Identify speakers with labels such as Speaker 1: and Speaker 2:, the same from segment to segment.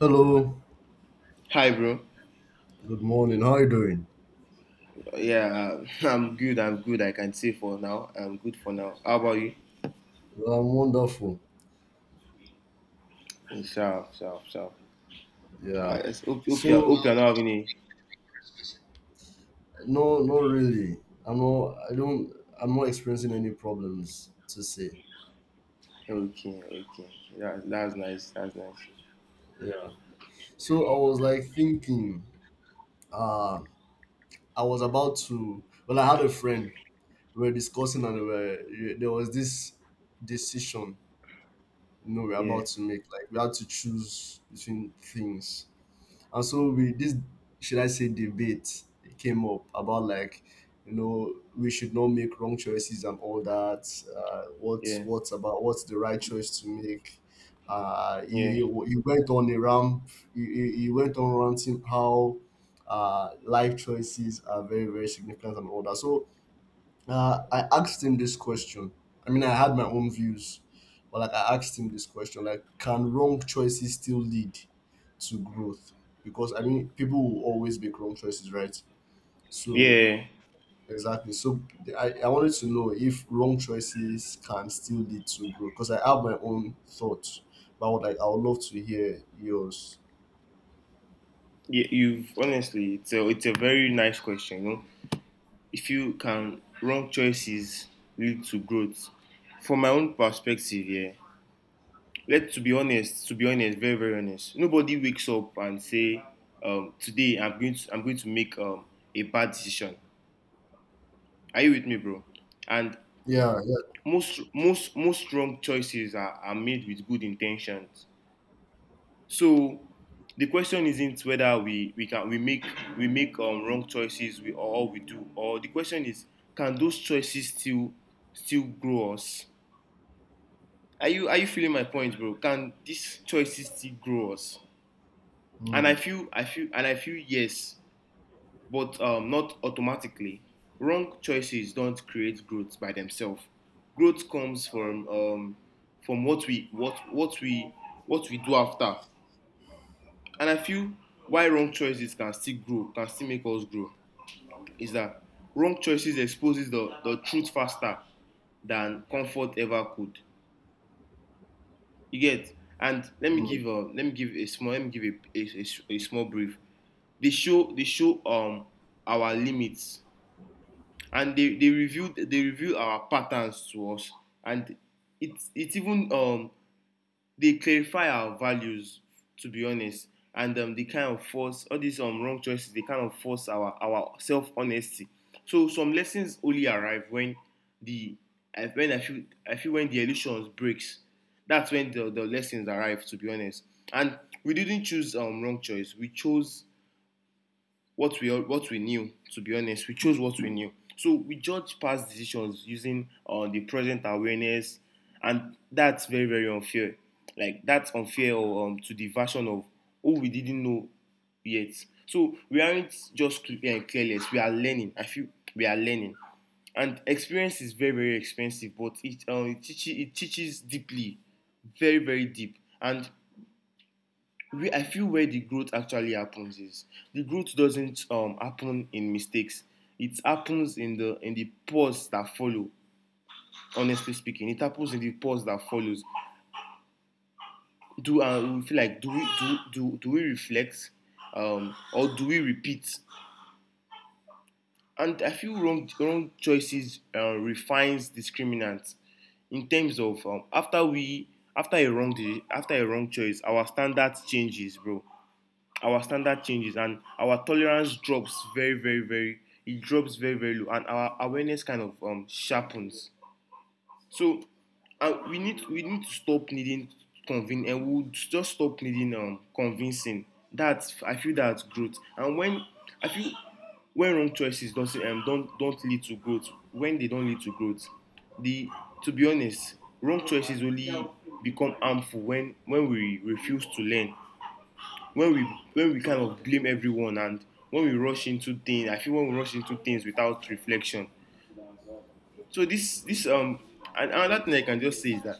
Speaker 1: Hello,
Speaker 2: Hi, bro.
Speaker 1: good morning. How are you doing?
Speaker 2: Yeah, I'm good. I'm good. I can say for now. I'm good for now. How about you?
Speaker 1: Well, I'm wonderful.
Speaker 2: Sharp, sharp, sharp.
Speaker 1: Yeah.
Speaker 2: I just
Speaker 1: So
Speaker 2: hope you're not having any.
Speaker 1: no, not really. I'm not. I don't. I'm not experiencing any problems to say.
Speaker 2: Okay, okay. That's nice. That's nice.
Speaker 1: Yeah. So I was like thinking. Uh, I was about to. Well, I had a friend. We were discussing, and there was this decision. You know, we are
Speaker 2: Yeah,
Speaker 1: about to make. Like we had to choose between things. And so we this should I say, debate came up about like, you know, we should not make wrong choices and all that.
Speaker 2: yeah,
Speaker 1: What's the right choice to make? Uh,
Speaker 2: yeah,
Speaker 1: he, he went on a ramp. He went on ranting how life choices are very significant and all that. So I asked him this question. I mean, I had my own views, but like I asked him this question: like, can wrong choices still lead to growth? Because I mean, people will always make wrong choices, right? So
Speaker 2: yeah.
Speaker 1: exactly. So I wanted to know if wrong choices can still lead to growth. Because I have my own thoughts, but I would love to hear yours.
Speaker 2: Yeah, it's it's a very nice question. You know, if you can, wrong choices lead to growth. From my own perspective, yeah, let to be honest, very very honest, nobody wakes up and say, today I'm going to make a bad decision. Are you with me, bro? And
Speaker 1: Yeah, yeah.
Speaker 2: most most wrong choices are made with good intentions. So the question isn't whether we can we make wrong choices we or we do or the question is can those choices still grow us? Are you feeling my point, bro? Can these choices still grow us? and I
Speaker 1: Mm,
Speaker 2: feel I feel and I feel yes, but not automatically. Wrong choices don't create growth by themselves. Growth comes from what we do after. And I feel why wrong choices can still grow, can still make us grow, is that wrong choices exposes the truth faster than comfort ever could. You get? And let me
Speaker 1: mm.
Speaker 2: give a let me give a small let me give a small brief. They show our limits and they reviewed our patterns to us, and it's even they clarify our values to be honest, and they kind of force all these wrong choices. They kind of force our self honesty. So some lessons only arrive when the when I feel when the illusions breaks. That's when the lessons arrive. To be honest, and we didn't choose wrong choice. We chose what we knew. To be honest, we chose what we knew. So we judge past decisions using the present awareness, and that's very very unfair. Like that's unfair to the version of who we didn't know yet. So we aren't just careless. We are learning. I feel we are learning, and experience is very very expensive, but it teaches deeply, very very deep, and we I feel where the growth actually happens is the growth doesn't happen in mistakes. It happens in the pause that follow. Honestly speaking, it happens in the pause that follows. Do we feel like do we do do, do we reflect, or do we repeat? And I feel wrong choices refines discriminants in terms of, after a wrong after a wrong choice our standards changes, bro. Our standard changes and our tolerance drops very very very, it drops very very low, and our awareness kind of sharpens. So we need to stop needing convincing, and we'll just stop needing convincing. That I feel that's growth. And when I feel when wrong choices do not don't lead to growth, when they don't lead to growth, the, to be honest, wrong choices only become harmful when we refuse to learn, when we, when we kind of blame everyone, and when we rush into things, I feel when we rush into things without reflection. So this and another thing I can just say is that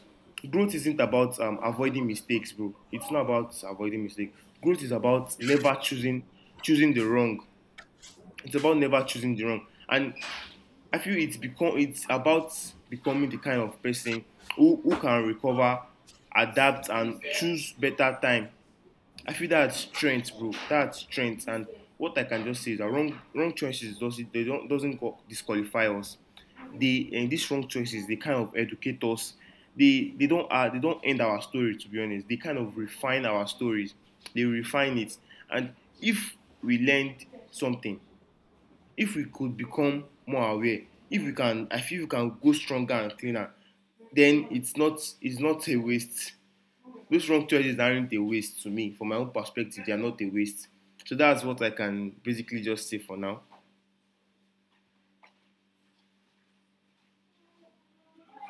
Speaker 2: growth isn't about avoiding mistakes, bro. It's not about avoiding mistakes. Growth is about never choosing the wrong. It's about never choosing the wrong. And I feel it's about becoming the kind of person who can recover, adapt and choose better time. I feel that's strength, bro. That's strength. And what I can just say is that wrong choices doesn't disqualify us. They, and these wrong choices they kind of educate us. They don't end our story, to be honest. They kind of refine our stories. They refine it. And if we learned something, if we could become more aware, if we can, I feel we can go stronger and cleaner, then it's not a waste. Those wrong choices aren't a waste to me. From my own perspective, they are not a waste. So that's what I can basically just say for now.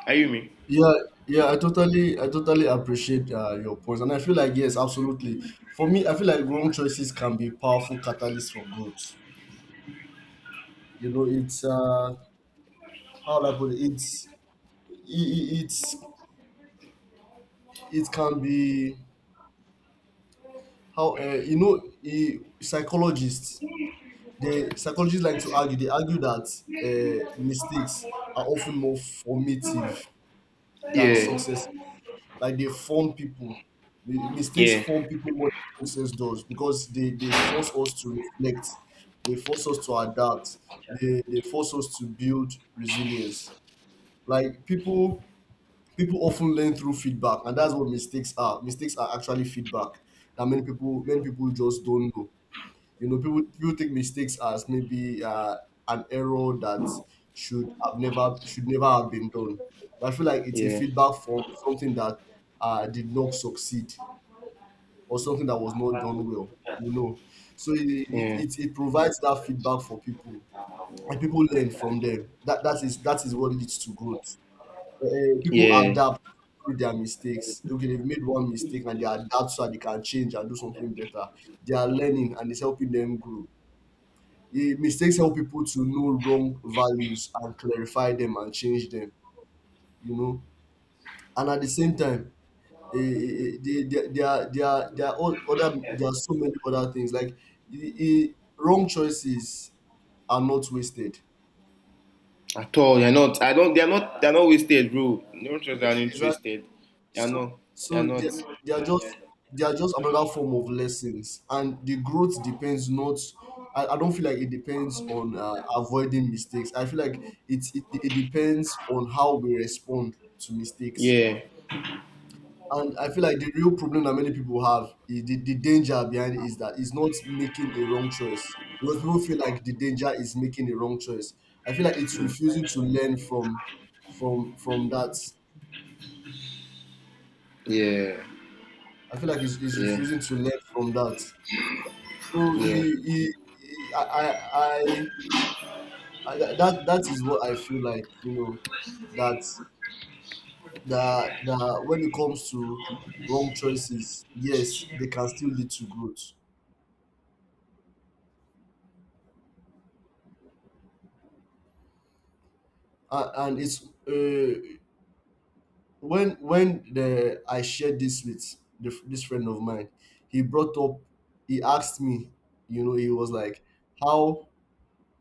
Speaker 2: Are you me?
Speaker 1: Yeah, yeah, I totally appreciate your points, and I feel like yes, absolutely. For me, I feel like wrong choices can be powerful catalysts for growth. You know, it's how will I put it? It it can be how psychologists. They Psychologists like to argue. They argue that mistakes are often more formative than
Speaker 2: Yeah.
Speaker 1: success, like they form people. Mistakes
Speaker 2: Yeah.
Speaker 1: form people more than success does because they force us to reflect, they force us to adapt, they force us to build resilience. Like people often learn through feedback, and that's what mistakes are. Mistakes are actually feedback that many people just don't know. You know, people take mistakes as maybe an error that should never have been done. But I feel like it's a
Speaker 2: Yeah.
Speaker 1: feedback from something that did not succeed or something that was not done well. You know, so
Speaker 2: Yeah.
Speaker 1: it provides that feedback for people, and people learn from them. That that is what leads to growth. People
Speaker 2: Yeah.
Speaker 1: adapt through their mistakes. Okay, they've made one mistake and they adapt so that they can change and do something better. They are learning and it's helping them grow. Yeah, mistakes help people to know wrong values and clarify them and change them, you know. And at the same time, there are all other, there are so many other things like eh, eh, wrong choices are not wasted.
Speaker 2: At all. They're not. I don't. They're not. They're not wasted, bro. No choices aren't
Speaker 1: Exactly.
Speaker 2: wasted. They're
Speaker 1: So,
Speaker 2: not. They're
Speaker 1: so
Speaker 2: not.
Speaker 1: they are just they are just another form of lessons, and the growth depends not. I don't feel like it depends on avoiding mistakes. I feel like it depends on how we respond to mistakes.
Speaker 2: Yeah.
Speaker 1: And I feel like the real problem that many people have, the danger behind it is that it's not making a wrong choice. Because people feel like the danger is making a wrong choice. I feel like it's refusing to learn from from that.
Speaker 2: Yeah.
Speaker 1: I feel like it's
Speaker 2: Yeah.
Speaker 1: refusing to learn from that. So
Speaker 2: Yeah.
Speaker 1: he I, that, that is what I feel like, you know, that, that when it comes to wrong choices, yes, they can still lead to growth. And it's when I shared this with this friend of mine, he brought up, he asked me, you know, he was like, how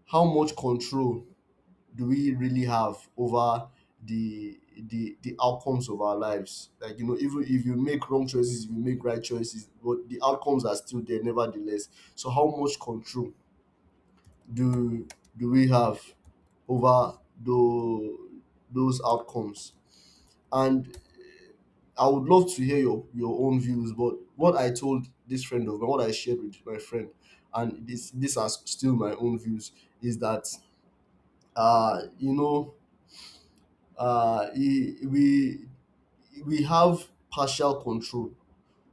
Speaker 1: how much control do we really have over the outcomes of our lives, like, you know, even if you make wrong choices, if you make right choices, but the outcomes are still there nevertheless. So how much control do do we have over the, those outcomes? And I would love to hear your own views, but what I told this friend of mine, what I shared with my friend, and this, these are still my own views, is that, you know, uh, e- we we have partial control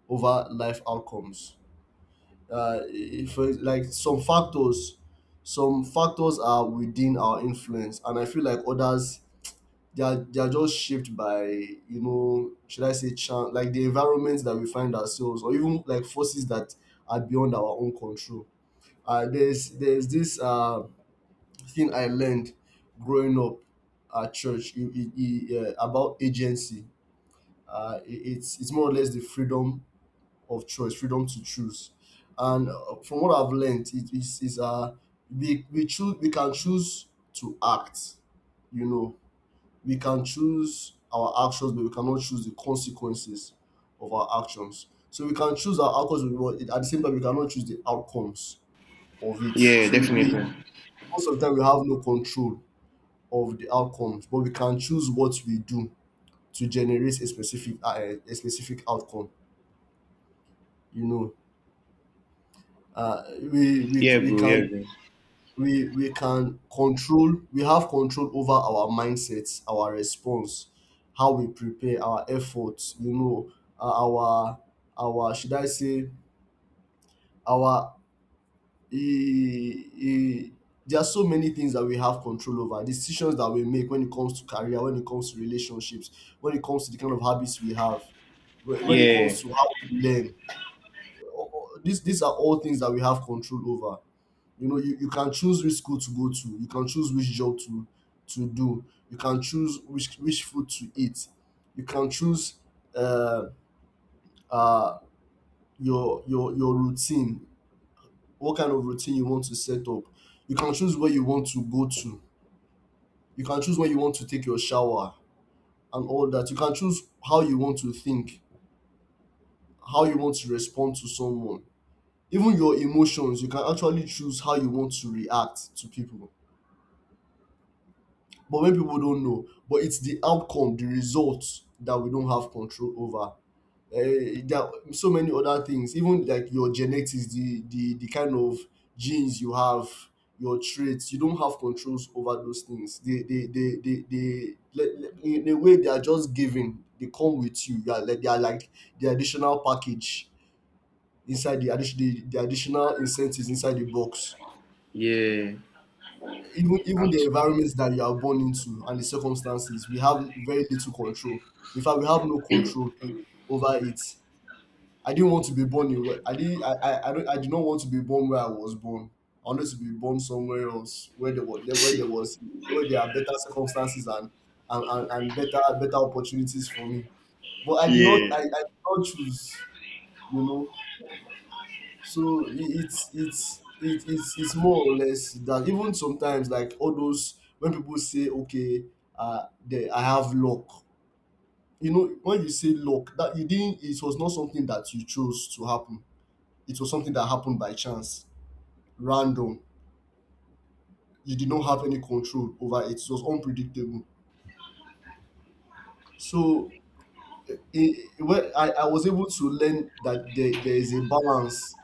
Speaker 1: over life outcomes. If, like some factors, Some factors are within our influence, and I feel like others, they are just shaped by, you know, should I say, chance, like the environments that we find ourselves, or even like forces that are beyond our own control. There's this thing I learned growing up at church, about agency. It's it's more or less the freedom of choice, freedom to choose. And from what I've learned, it is we choose we can choose to act. You know, we can choose our actions, but we cannot choose the consequences of our actions. So we can choose our outcomes, but we want- at the same time, we cannot choose the outcomes of it.
Speaker 2: Yeah.
Speaker 1: So we,
Speaker 2: Definitely.
Speaker 1: most of the time, we have no control of the outcomes, but we can choose what we do to generate a specific outcome. You know, uh, we we
Speaker 2: Yeah,
Speaker 1: we
Speaker 2: bro. Yeah,
Speaker 1: can
Speaker 2: bro.
Speaker 1: we can control, we have control over our mindsets, our response, how we prepare, our efforts, you know, uh, our our should I say, our e e there are so many things that we have control over. Decisions that we make when it comes to career, when it comes to relationships, when it comes to the kind of habits we have, when it
Speaker 2: Yeah.
Speaker 1: comes to how we learn. These these are all things that we have control over. You know, you can choose which school to go to, you can choose which job to do, you can choose which food to eat, you can choose uh, uh, your routine, what kind of routine you want to set up. You can choose where you want to go to, you can choose when you want to take your shower, and all that. You can choose how you want to think, how you want to respond to someone. Even your emotions, you can actually choose how you want to react to people. But when people don't know, but it's the outcome, the results, that we don't have control over. There are so many other things, even like your genetics, the kind of genes you have, your traits. You don't have controls over those things. In a way, they are just given. They come with you. They are like the additional package inside the addition, the additional incentives inside the box.
Speaker 2: Yeah.
Speaker 1: Even even the environment that you are born into and the circumstances, we have very little control. In fact, we have no control over it. I didn't want to be born in where I didn't I don't I did not want to be born where I was born. I wanted to be born somewhere else where there was, where
Speaker 2: Actually.
Speaker 1: there was where there are better circumstances and, and better, better opportunities for me. But
Speaker 2: Yeah.
Speaker 1: I did not choose, you know. So I- it's it, it's more or less that, even sometimes, like all those, when people say, okay, I have luck. You know, when you say luck, that you didn't, it was not something that you chose to happen. It was something that happened by chance, random. You did not have any control over it, it was unpredictable. So I was able to learn that there is a balance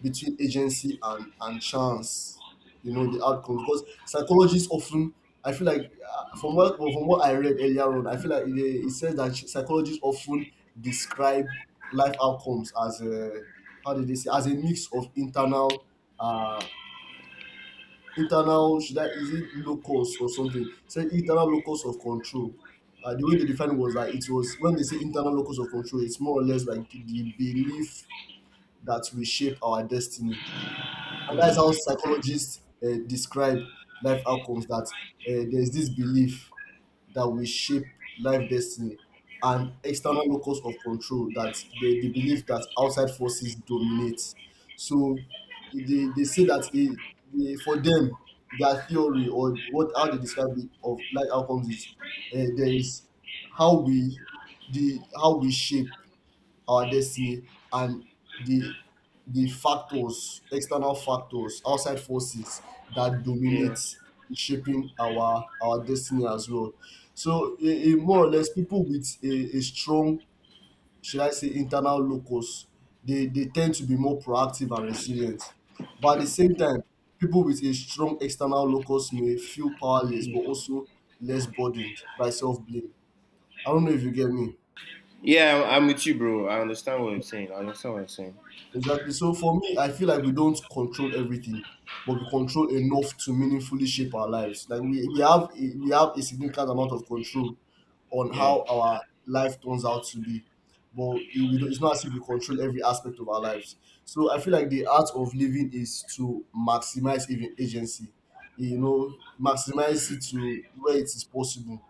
Speaker 1: between agency and chance. You know, the outcomes, because psychologists often, I feel like, from what I read earlier on, I feel like it says that psychologists often describe life outcomes as a, how did they say, as a mix of internal uh internal, should, that is it, locus or something, say internal locus of control. Uh, the way they defined was that it was, when they say internal locus of control, it's more or less like the belief that we shape our destiny. And that's how psychologists describe life outcomes, that there's this belief that we shape life destiny. And external locus of control, that the belief that outside forces dominate. So they say that they, for them, their theory, or what, how they describe it, of life outcomes is, there is how we, the how we shape our destiny, and the the factors, external factors, outside forces that
Speaker 2: Yeah.
Speaker 1: dominate in shaping our destiny as well. So more or less, people with a strong, internal locus, they tend to be more proactive and resilient. But at the same time, people with a strong external locus may feel powerless but also less burdened by self-blame. I don't know if you get me.
Speaker 2: I'm with you, bro. I understand what you're saying. I understand what you're saying.
Speaker 1: Exactly. So for me, I feel like we don't control everything, but we control enough to meaningfully shape our lives. Like we have a significant amount of control on
Speaker 2: Yeah.
Speaker 1: how our life turns out to be, but it- we don't, it's not as if we control every aspect of our lives. So I feel like the art of living is to maximize even agency, you know, maximize it to where it is possible.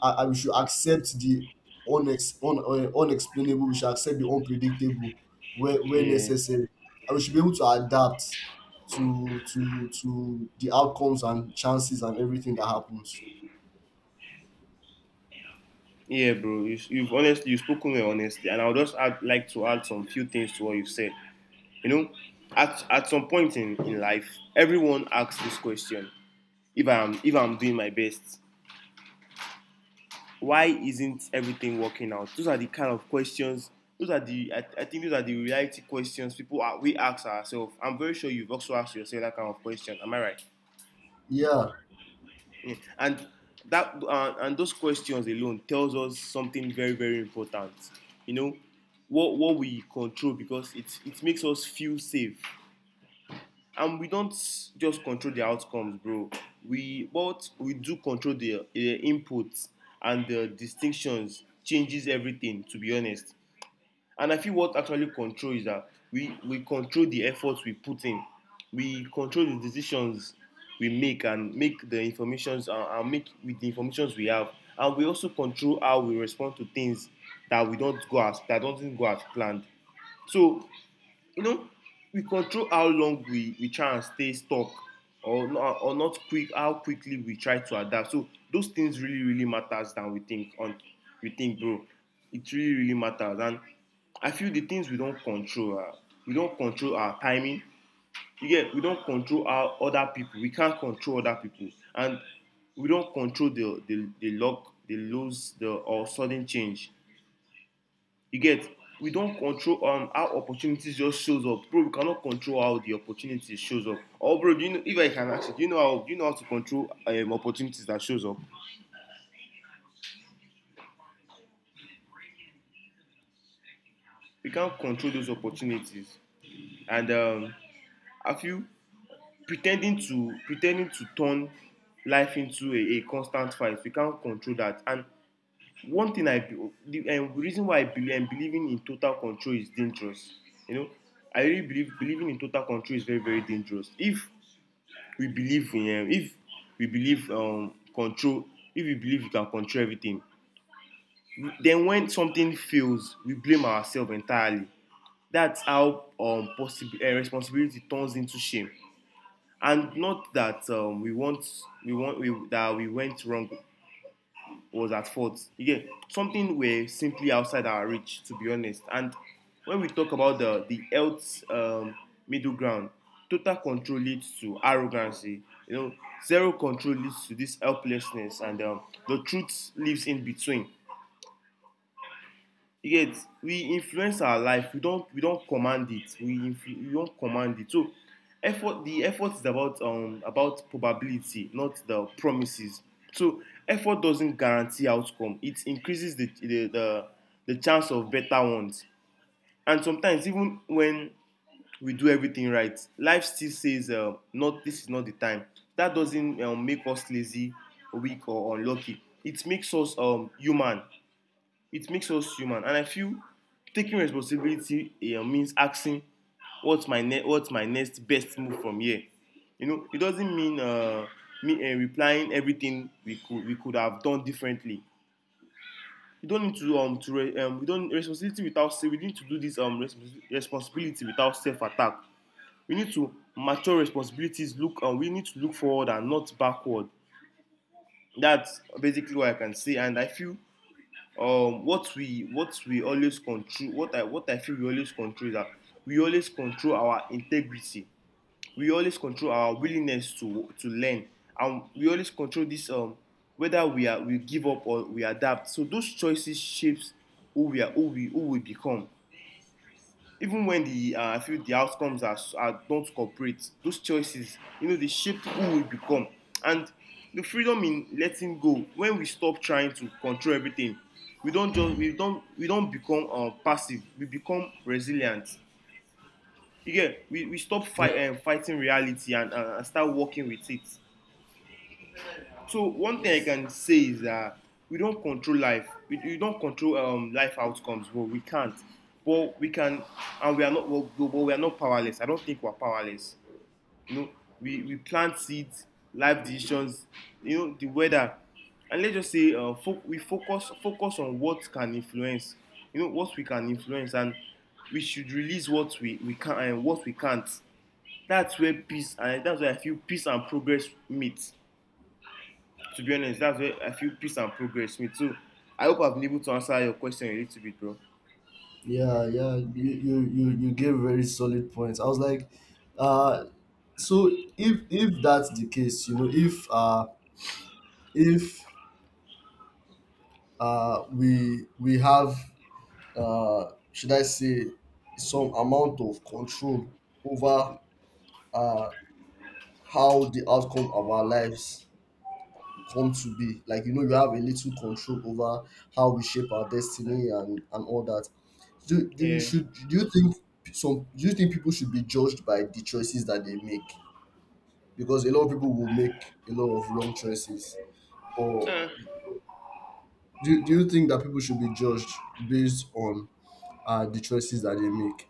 Speaker 1: We should accept the unexplainable. We should accept the unpredictable where
Speaker 2: Yeah.
Speaker 1: necessary. And we should be able to adapt to the outcomes and chances and everything that happens.
Speaker 2: Yeah, bro. You've honestly, you've spoken with honesty, and I would just add, like to add some few things to what you've said. You know, at some point in life, everyone asks this question: if I'm doing my best, why isn't everything working out? Those are the kind of questions. Those are the, I think those are the reality questions people we ask ourselves. I'm very sure you've also asked yourself that kind of question. Am I right?
Speaker 1: Yeah,
Speaker 2: And that and those questions alone tells us something very very important. You know, what we control, because it makes us feel safe. And we don't just control the outcomes, bro, we, but we do control the inputs, and the distinctions changes everything, to be honest. And I feel what actually control is that we control the efforts we put in, we control the decisions we make and make the informations, and make with the informations we have. And we also control how we respond to things that doesn't go as planned. So, you know, we control how long we try and stay stuck or not quick how quickly we try to adapt. So those things really, really matters than we think on we think, bro. It really, really matters. And I feel the things we don't control our timing. You get, we don't control our other people. We can't control other people, and we don't control the luck, the lows, the or sudden change. You get, we don't control how opportunities just shows up, bro. We cannot control how the opportunity shows up. Or bro, do you know, if I can ask you, do you know how to control opportunities that shows up? We can't control those opportunities, and I feel pretending to turn life into a constant fight, we can't control that. And one thing I the reason why I believe believing in total control is dangerous, you know, I really believe believing in total control is very very dangerous. If we believe in um, if we believe control if we believe we can control everything, then when something fails we blame ourselves entirely. That's how possible responsibility turns into shame, and not that that we went wrong was at fault. Again, something were simply outside our reach, to be honest. And when we talk about the health middle ground, total control leads to arrogancy, you know. Zero control leads to this helplessness, and the truth lives in between. You get, we influence our life, we don't command it, we don't command it. So effort the effort is about probability, not the promises. So effort doesn't guarantee outcome, it increases the chance of better ones. And sometimes even when we do everything right, life still says, not this is not the time. That doesn't make us lazy, weak or unlucky, it makes us human. It makes us human. And I feel taking responsibility means asking, what's my next best move from here? You know, it doesn't mean, me replying everything we could have done differently. We don't need to re- we don't responsibility without say we need to do this respons- Responsibility without self attack, we need to mature responsibilities look, and we need to look forward and not backward. That's basically what I can say. And I feel what we always control, what I feel we always control is that we always control our integrity, we always control our willingness to learn, and we always control this, whether we give up or we adapt. So those choices shapes who we are, who we become, even when the I feel the outcomes are don't cooperate, those choices, they shape who we become. And the freedom in letting go, when we stop trying to control everything, we don't become passive. We become resilient. Again, we stop
Speaker 1: yeah,
Speaker 2: fighting reality and start working with it. So one thing I can say is that we don't control life. We don't control life outcomes. Well, we can't. But we can, and we are not. Well, but we are not powerless. I don't think we're powerless. You know, we plant seeds, life decisions. The weather, and let's just say we focus on what can influence. What we can influence, and we should release what we can and what we can't. That's where I feel peace and progress meet. To be honest, that's where I feel peace and progress with. So I hope I've been able to answer your question a little bit, bro.
Speaker 1: yeah. You gave very solid points. I was like, uh, so if that's the case, you know, if uh, we have, should I say, some amount of control over, uh, how the outcome of our lives come to be. Like, you know, you have a little control over how we shape our destiny and all that. Do, do you
Speaker 2: Yeah.
Speaker 1: should do you think some Do you think people should be judged by the choices that they make? Because a lot of people will make a lot of wrong choices. But
Speaker 2: Uh,
Speaker 1: do you think that people should be judged based on, the choices that they make?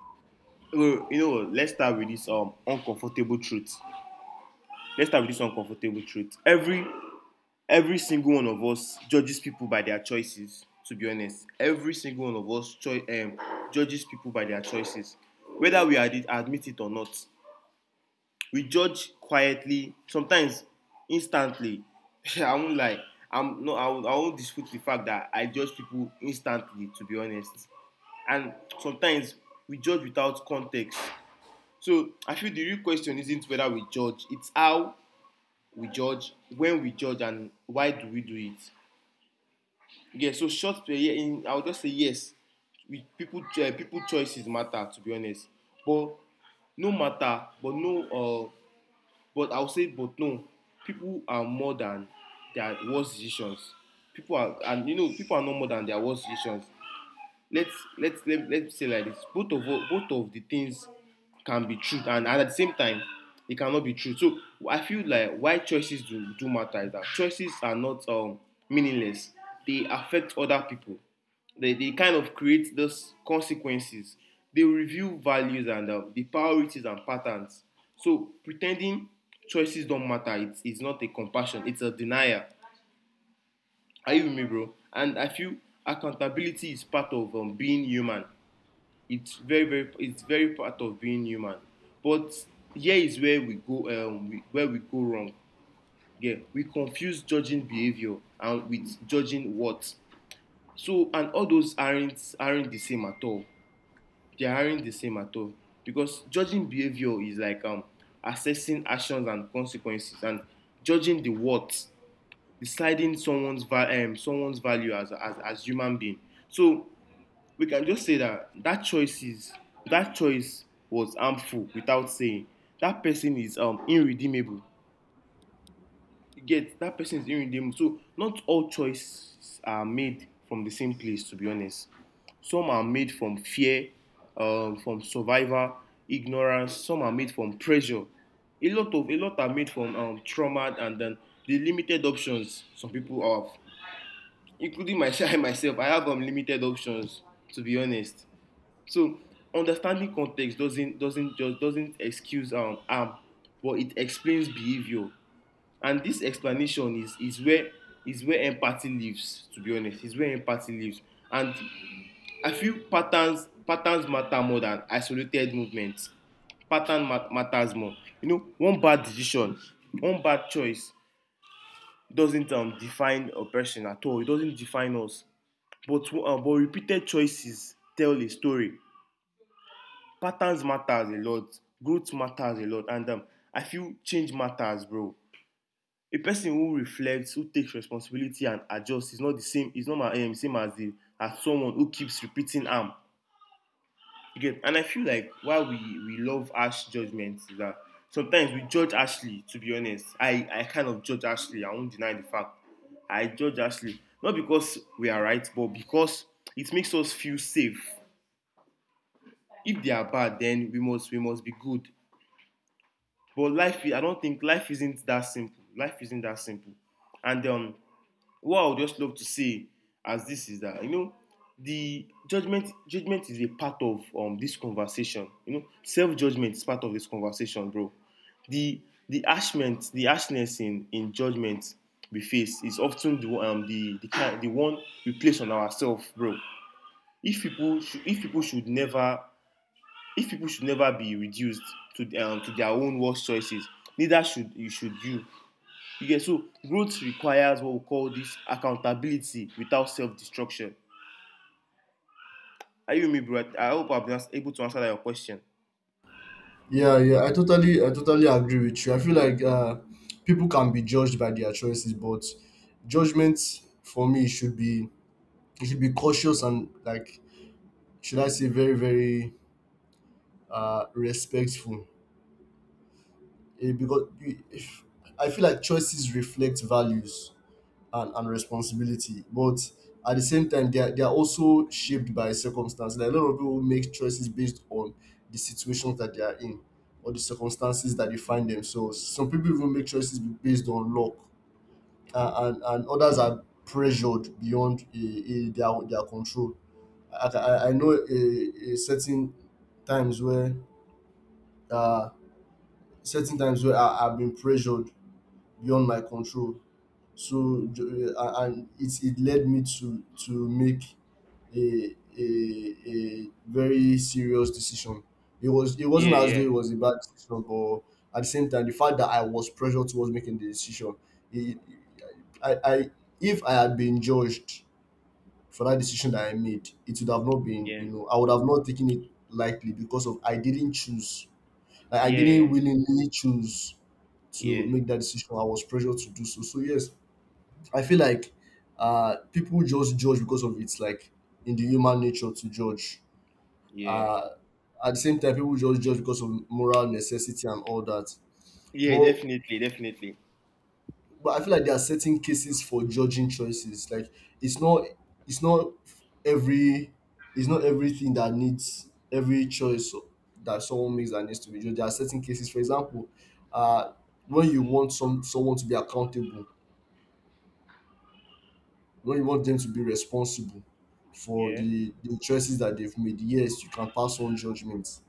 Speaker 2: Well, you know what? Let's start with this uncomfortable truth. Let's start with this uncomfortable truth. Every single one of us judges people by their choices. To be honest, every single one of us judges people by their choices, whether we admit it or not. We judge quietly sometimes, instantly. I won't lie. I'm no, I won't dispute the fact that I judge people instantly, to be honest. And sometimes we judge without context. So I feel the real question isn't whether we judge, it's how we judge, when we judge, and why do we do it. Yeah, so short play. Yeah, in I would just say yes, we people people choices matter, to be honest. But no matter, but no, but I'll say, but no, people are more than their worst decisions. People are, and people are not more than their worst decisions. Let's let's let, let's say like this: both of the things can be truth and at the same time it cannot be true. So I feel like why choices do matter is that choices are not meaningless. They affect other people. They kind of create those consequences. They review values and the priorities and patterns. So pretending choices don't matter, it's not a compassion, it's a denial. Are you with me, bro? And I feel accountability is part of being human. It's very part of being human. But here is where we go where we go wrong. Yeah, we confuse judging behavior and with judging what. So, and all those aren't the same at all. They aren't the same at all. Because judging behavior is like assessing actions and consequences, and judging the what, deciding someone's someone's value as, as human being. So we can just say that that choice is that choice was harmful without saying that person is irredeemable. You get, that person is irredeemable. So not all choices are made from the same place, to be honest. Some are made from fear, from survival, ignorance. Some are made from pressure. A lot are made from trauma, and then the limited options some people have, including myself. I have limited options, to be honest. So understanding context doesn't excuse harm, but it explains behavior. And this explanation is where empathy lives. To be honest, is where empathy lives. And I feel patterns matter more than isolated movements. Pattern matters more. You know, one bad decision, one bad choice doesn't define a person at all. It doesn't define us. But repeated choices tell a story. Patterns matters a lot, growth matters a lot, and I feel change matters, bro. A person who reflects, who takes responsibility and adjusts is not the same. It's not my same as the as someone who keeps repeating am. You get? And I feel like why we love harsh judgments is that sometimes we judge Ashley. To be honest, I kind of judge Ashley. I won't deny the fact I judge Ashley, not because we are right, but because it makes us feel safe. If they are bad, then we must be good. But life, I don't think life isn't that simple. Life isn't that simple. And what I would just love to say as this is that the judgment is a part of this conversation. Self judgment is part of this conversation, bro. The the ashness in judgment we face is often the one we place on ourselves, bro. If people should never if people should never be reduced to their own worst choices, neither should you. You get, so growth requires what we call this accountability without self-destruction. Are you with me, bro? I hope I've been able to answer that your question.
Speaker 1: I totally agree with you. I feel like, people can be judged by their choices, but judgment for me should be cautious and, like, should I say very, very, respectful. Eh, because you- if I feel like choices reflect values and responsibility. But at the same time, they are also shaped by circumstance. Like, a lot of people make choices based on the situations that they are in or the circumstances that they find themselves. Some people even make choices based on luck, and others are pressured beyond, their control. I know a certain times where, uh, certain times where I've been pressured beyond my control, so and it led me to make a very serious decision. It was, it wasn't
Speaker 2: Yeah,
Speaker 1: as though it
Speaker 2: yeah,
Speaker 1: was a bad decision, but at the same time, the fact that I was pressured towards making the decision, it, I, if I had been judged for that decision that I made, it would have not been,
Speaker 2: yeah,
Speaker 1: you know, I would have not taken it lightly, because of, I didn't choose, I didn't
Speaker 2: yeah,
Speaker 1: willingly choose to
Speaker 2: yeah,
Speaker 1: make that decision. I was pressured to do so. So yes, I feel like, people just judge because of, it's like in the human nature to judge.
Speaker 2: yeah,
Speaker 1: Uh, at the same time, people just judge because of moral necessity and all that.
Speaker 2: yeah,
Speaker 1: But,
Speaker 2: definitely, definitely.
Speaker 1: I feel like there are certain cases for judging choices. Like, it's not it's not every it's not everything that needs, every choice that someone makes that needs to be judged. There are certain cases. For example, uh, when you want some, someone to be accountable, when you want them to be responsible for
Speaker 2: Yeah,
Speaker 1: the choices that they've made, yes, you can pass on judgments,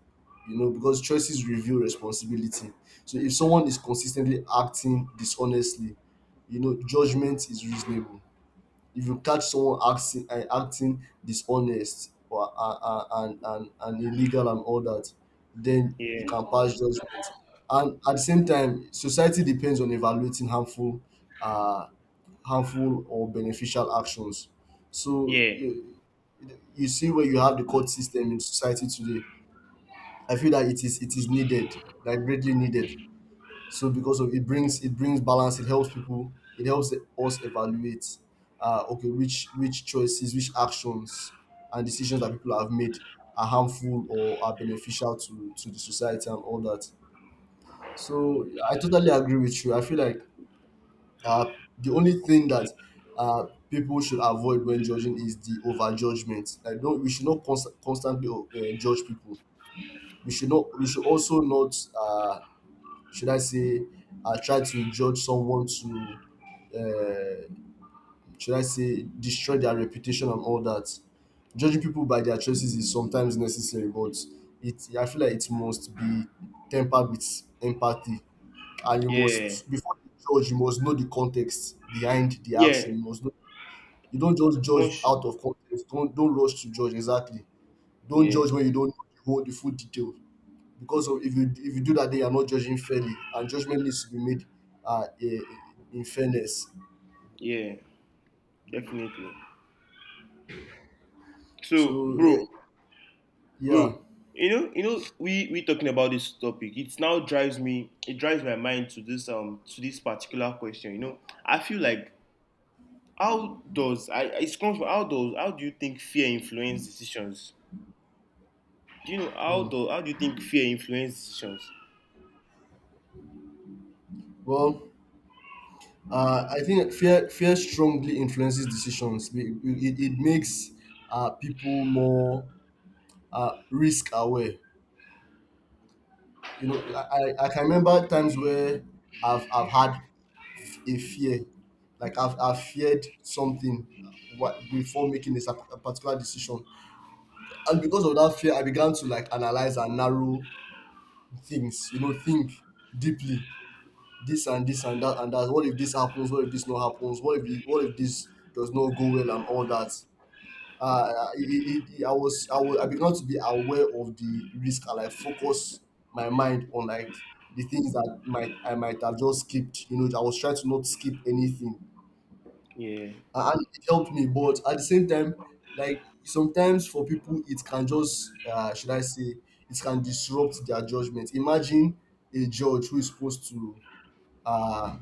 Speaker 1: you know, because choices reveal responsibility. So if someone is consistently acting dishonestly, you know, judgment is reasonable. If you catch someone acting, and acting dishonest or and illegal and all that, then
Speaker 2: yeah,
Speaker 1: you can pass judgment. And at the same time, society depends on evaluating harmful, uh harmful or beneficial actions. So
Speaker 2: yeah,
Speaker 1: you see, where you have the court system in society today, I feel that it is needed, like greatly needed, so because of, it brings, it brings balance, it helps people, it helps us evaluate, uh, okay, which choices, which actions and decisions that people have made are harmful or are beneficial to the society and all that. So I totally agree with you. I feel like, uh, the only thing that, uh, people should avoid when judging is the overjudgment. Like, don't, we should not constantly, judge people. We should not we should also not, uh, should I say I try to judge someone to, uh, should I say, destroy their reputation and all that. Judging people by their choices is sometimes necessary, but it I feel like it must be tempered with empathy, and you
Speaker 2: yeah,
Speaker 1: must, before you judge, you must know the context behind the
Speaker 2: yeah.
Speaker 1: action. You must know, you don't just judge
Speaker 2: One should.
Speaker 1: out of context. Don't rush to judge, exactly. Don't
Speaker 2: Yeah,
Speaker 1: judge when you don't know the full details, because of, if you, do that, then you're not judging fairly, and judgment needs to be made, uh, i- in fairness.
Speaker 2: yeah, definitely. So,
Speaker 1: So yeah,
Speaker 2: bro,
Speaker 1: yeah.
Speaker 2: bro, we talking about this topic, it drives my mind to this particular question. I feel like, how does I it comes from how does how do you think fear influence decisions? Do you know, how do you think fear influence decisions?
Speaker 1: Well, I think fear strongly influences decisions. It makes, people more, risk aware. You know, I can remember times where I've had a fear, like I've feared something before making this a particular decision, and because of that fear, I began to, like, analyze and narrow things, you know, think deeply, this and this and that and that, what if this happens, what if this not happens, what if this does not go well and all that. It, it, it, I was I was, I began to be aware of the risk, and I focus my mind on, like, the things that might I might have just skipped, you know, I was trying to not skip anything,
Speaker 2: Yeah.
Speaker 1: and it helped me. But at the same time, like, sometimes for people, it can just, should I say it can disrupt their judgment. Imagine a judge who is supposed to, uh,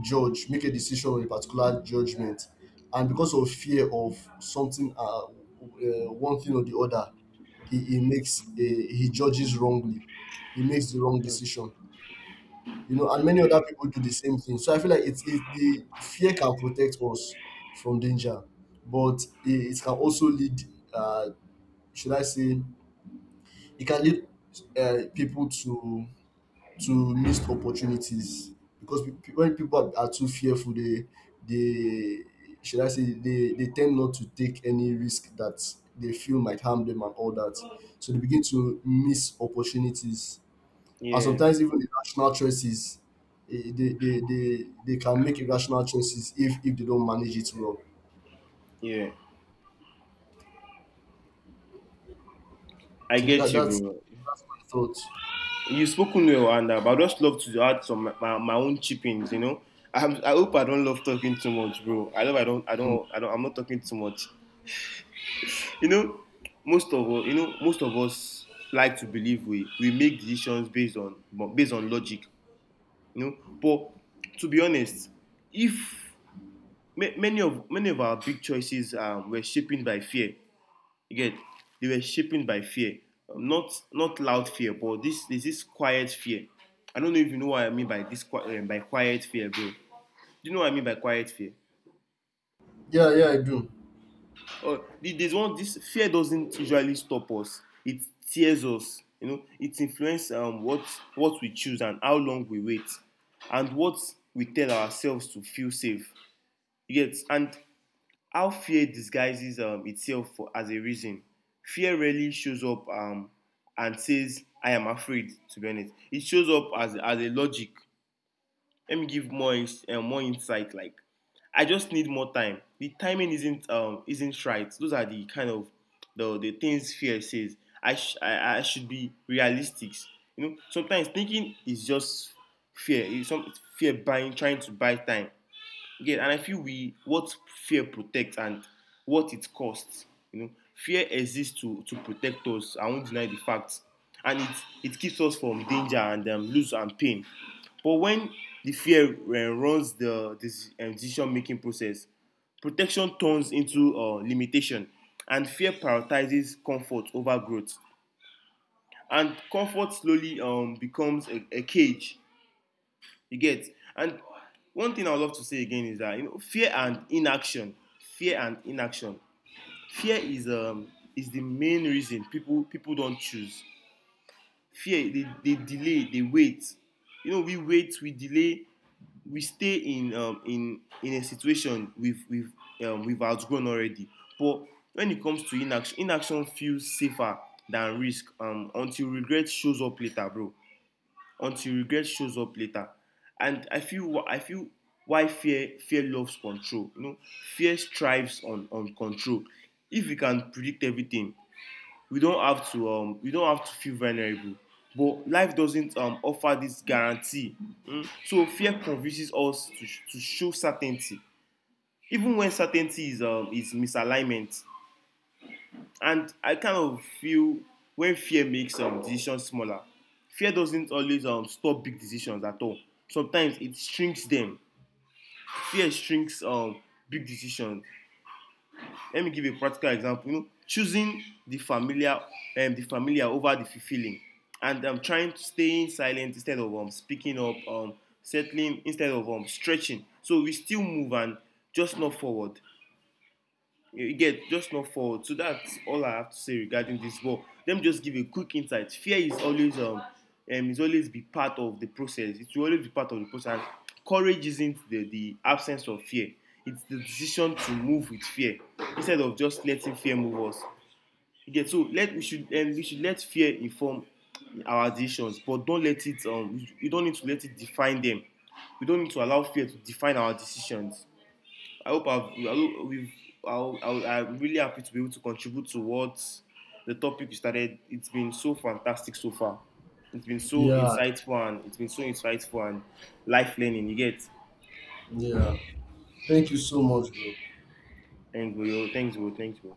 Speaker 1: judge, make a decision on a particular judgment, and because of fear of something, one thing or the other, he makes he judges wrongly. He makes the wrong
Speaker 2: Mm.
Speaker 1: decision, you know, and many other people do the same thing. So I feel like the fear can protect us from danger, but it can also lead, uh, should I say, it can lead, people to missed opportunities, because when people are too fearful, they should I say they tend not to take any risk that they feel might harm them and all that. So they begin to miss opportunities, and
Speaker 2: Yeah,
Speaker 1: sometimes even irrational choices. They can make irrational choices if they don't manage it well.
Speaker 2: yeah, I
Speaker 1: So
Speaker 2: get
Speaker 1: that,
Speaker 2: you,
Speaker 1: that's
Speaker 2: bro.
Speaker 1: my thought.
Speaker 2: You spoken well, and but I just love to add some my own chippings. I hope I don't love talking too much, bro. I hope i don't i
Speaker 1: Mm.
Speaker 2: don't i don't I'm not talking too much. you know Most of us, like to believe we make decisions based on logic. But, to be honest, if ma- Many of our big choices were shaped by fear. Again, they were shaped by fear. Not loud fear, but this is quiet fear. I don't know if you know what I mean by this by quiet fear, bro. Do you know what I mean by quiet fear?
Speaker 1: Yeah, yeah, I do.
Speaker 2: Or, there's one, this fear doesn't usually stop us. It tears us. It influences what we choose and how long we wait, and what we tell ourselves to feel safe. You get? And how fear disguises itself as a reason. Fear rarely shows up and says, "I am afraid." To be honest, it shows up as a logic. Let me give more insight. Like, I just need more time. The timing isn't right. Those are the kind of the things fear says. I should be realistic. Sometimes thinking is just fear. It's some fear buying trying to buy time. Yeah, and I feel we what fear protects and what it costs. Fear exists to protect us. I won't deny the facts, and it keeps us from danger and lose and pain. But when the fear runs the this decision making process, protection turns into limitation, and fear prioritizes comfort over growth. And comfort slowly becomes a cage. You get? And one thing I would love to say again is that fear and inaction, fear and inaction. Fear is the main reason people don't choose. Fear, they delay, they wait. We wait, we delay, we stay in in a situation we've outgrown already. But when it comes to inaction, inaction feels safer than risk until regret shows up later, bro, until regret shows up later. And I feel why fear loves control. Fear strives on control. If we can predict everything, we don't have to we don't have to feel vulnerable. But life doesn't offer this guarantee. Mm? So fear convinces us to show certainty, even when certainty is misalignment. And I kind of feel, when fear makes decisions smaller, fear doesn't always stop big decisions at all. Sometimes it shrinks them. Fear shrinks big decisions. Let me give a practical example. Choosing the familiar over the fulfilling, and trying to stay silent instead of speaking up, settling instead of stretching. So we still move and just not forward. You get, just not forward. So that's all I have to say regarding this ball. Let me just give a quick insight. Fear is always, be part of the process. It will always be part of the process. Courage isn't the absence of fear. It's the decision to move with fear instead of just letting fear move us. You get, so let we should let fear inform our decisions, but don't let it, you don't need to let it define them. We don't need to allow fear to define our decisions. I hope I've, we've. I'm really happy to be able to contribute towards the topic you started. It's been so fantastic so far. It's been so
Speaker 1: Yeah,
Speaker 2: insightful and it's been so insightful and life learning. You get.
Speaker 1: yeah, thank you so much, bro.
Speaker 2: Thanks, bro. Thanks, bro. Thanks, bro.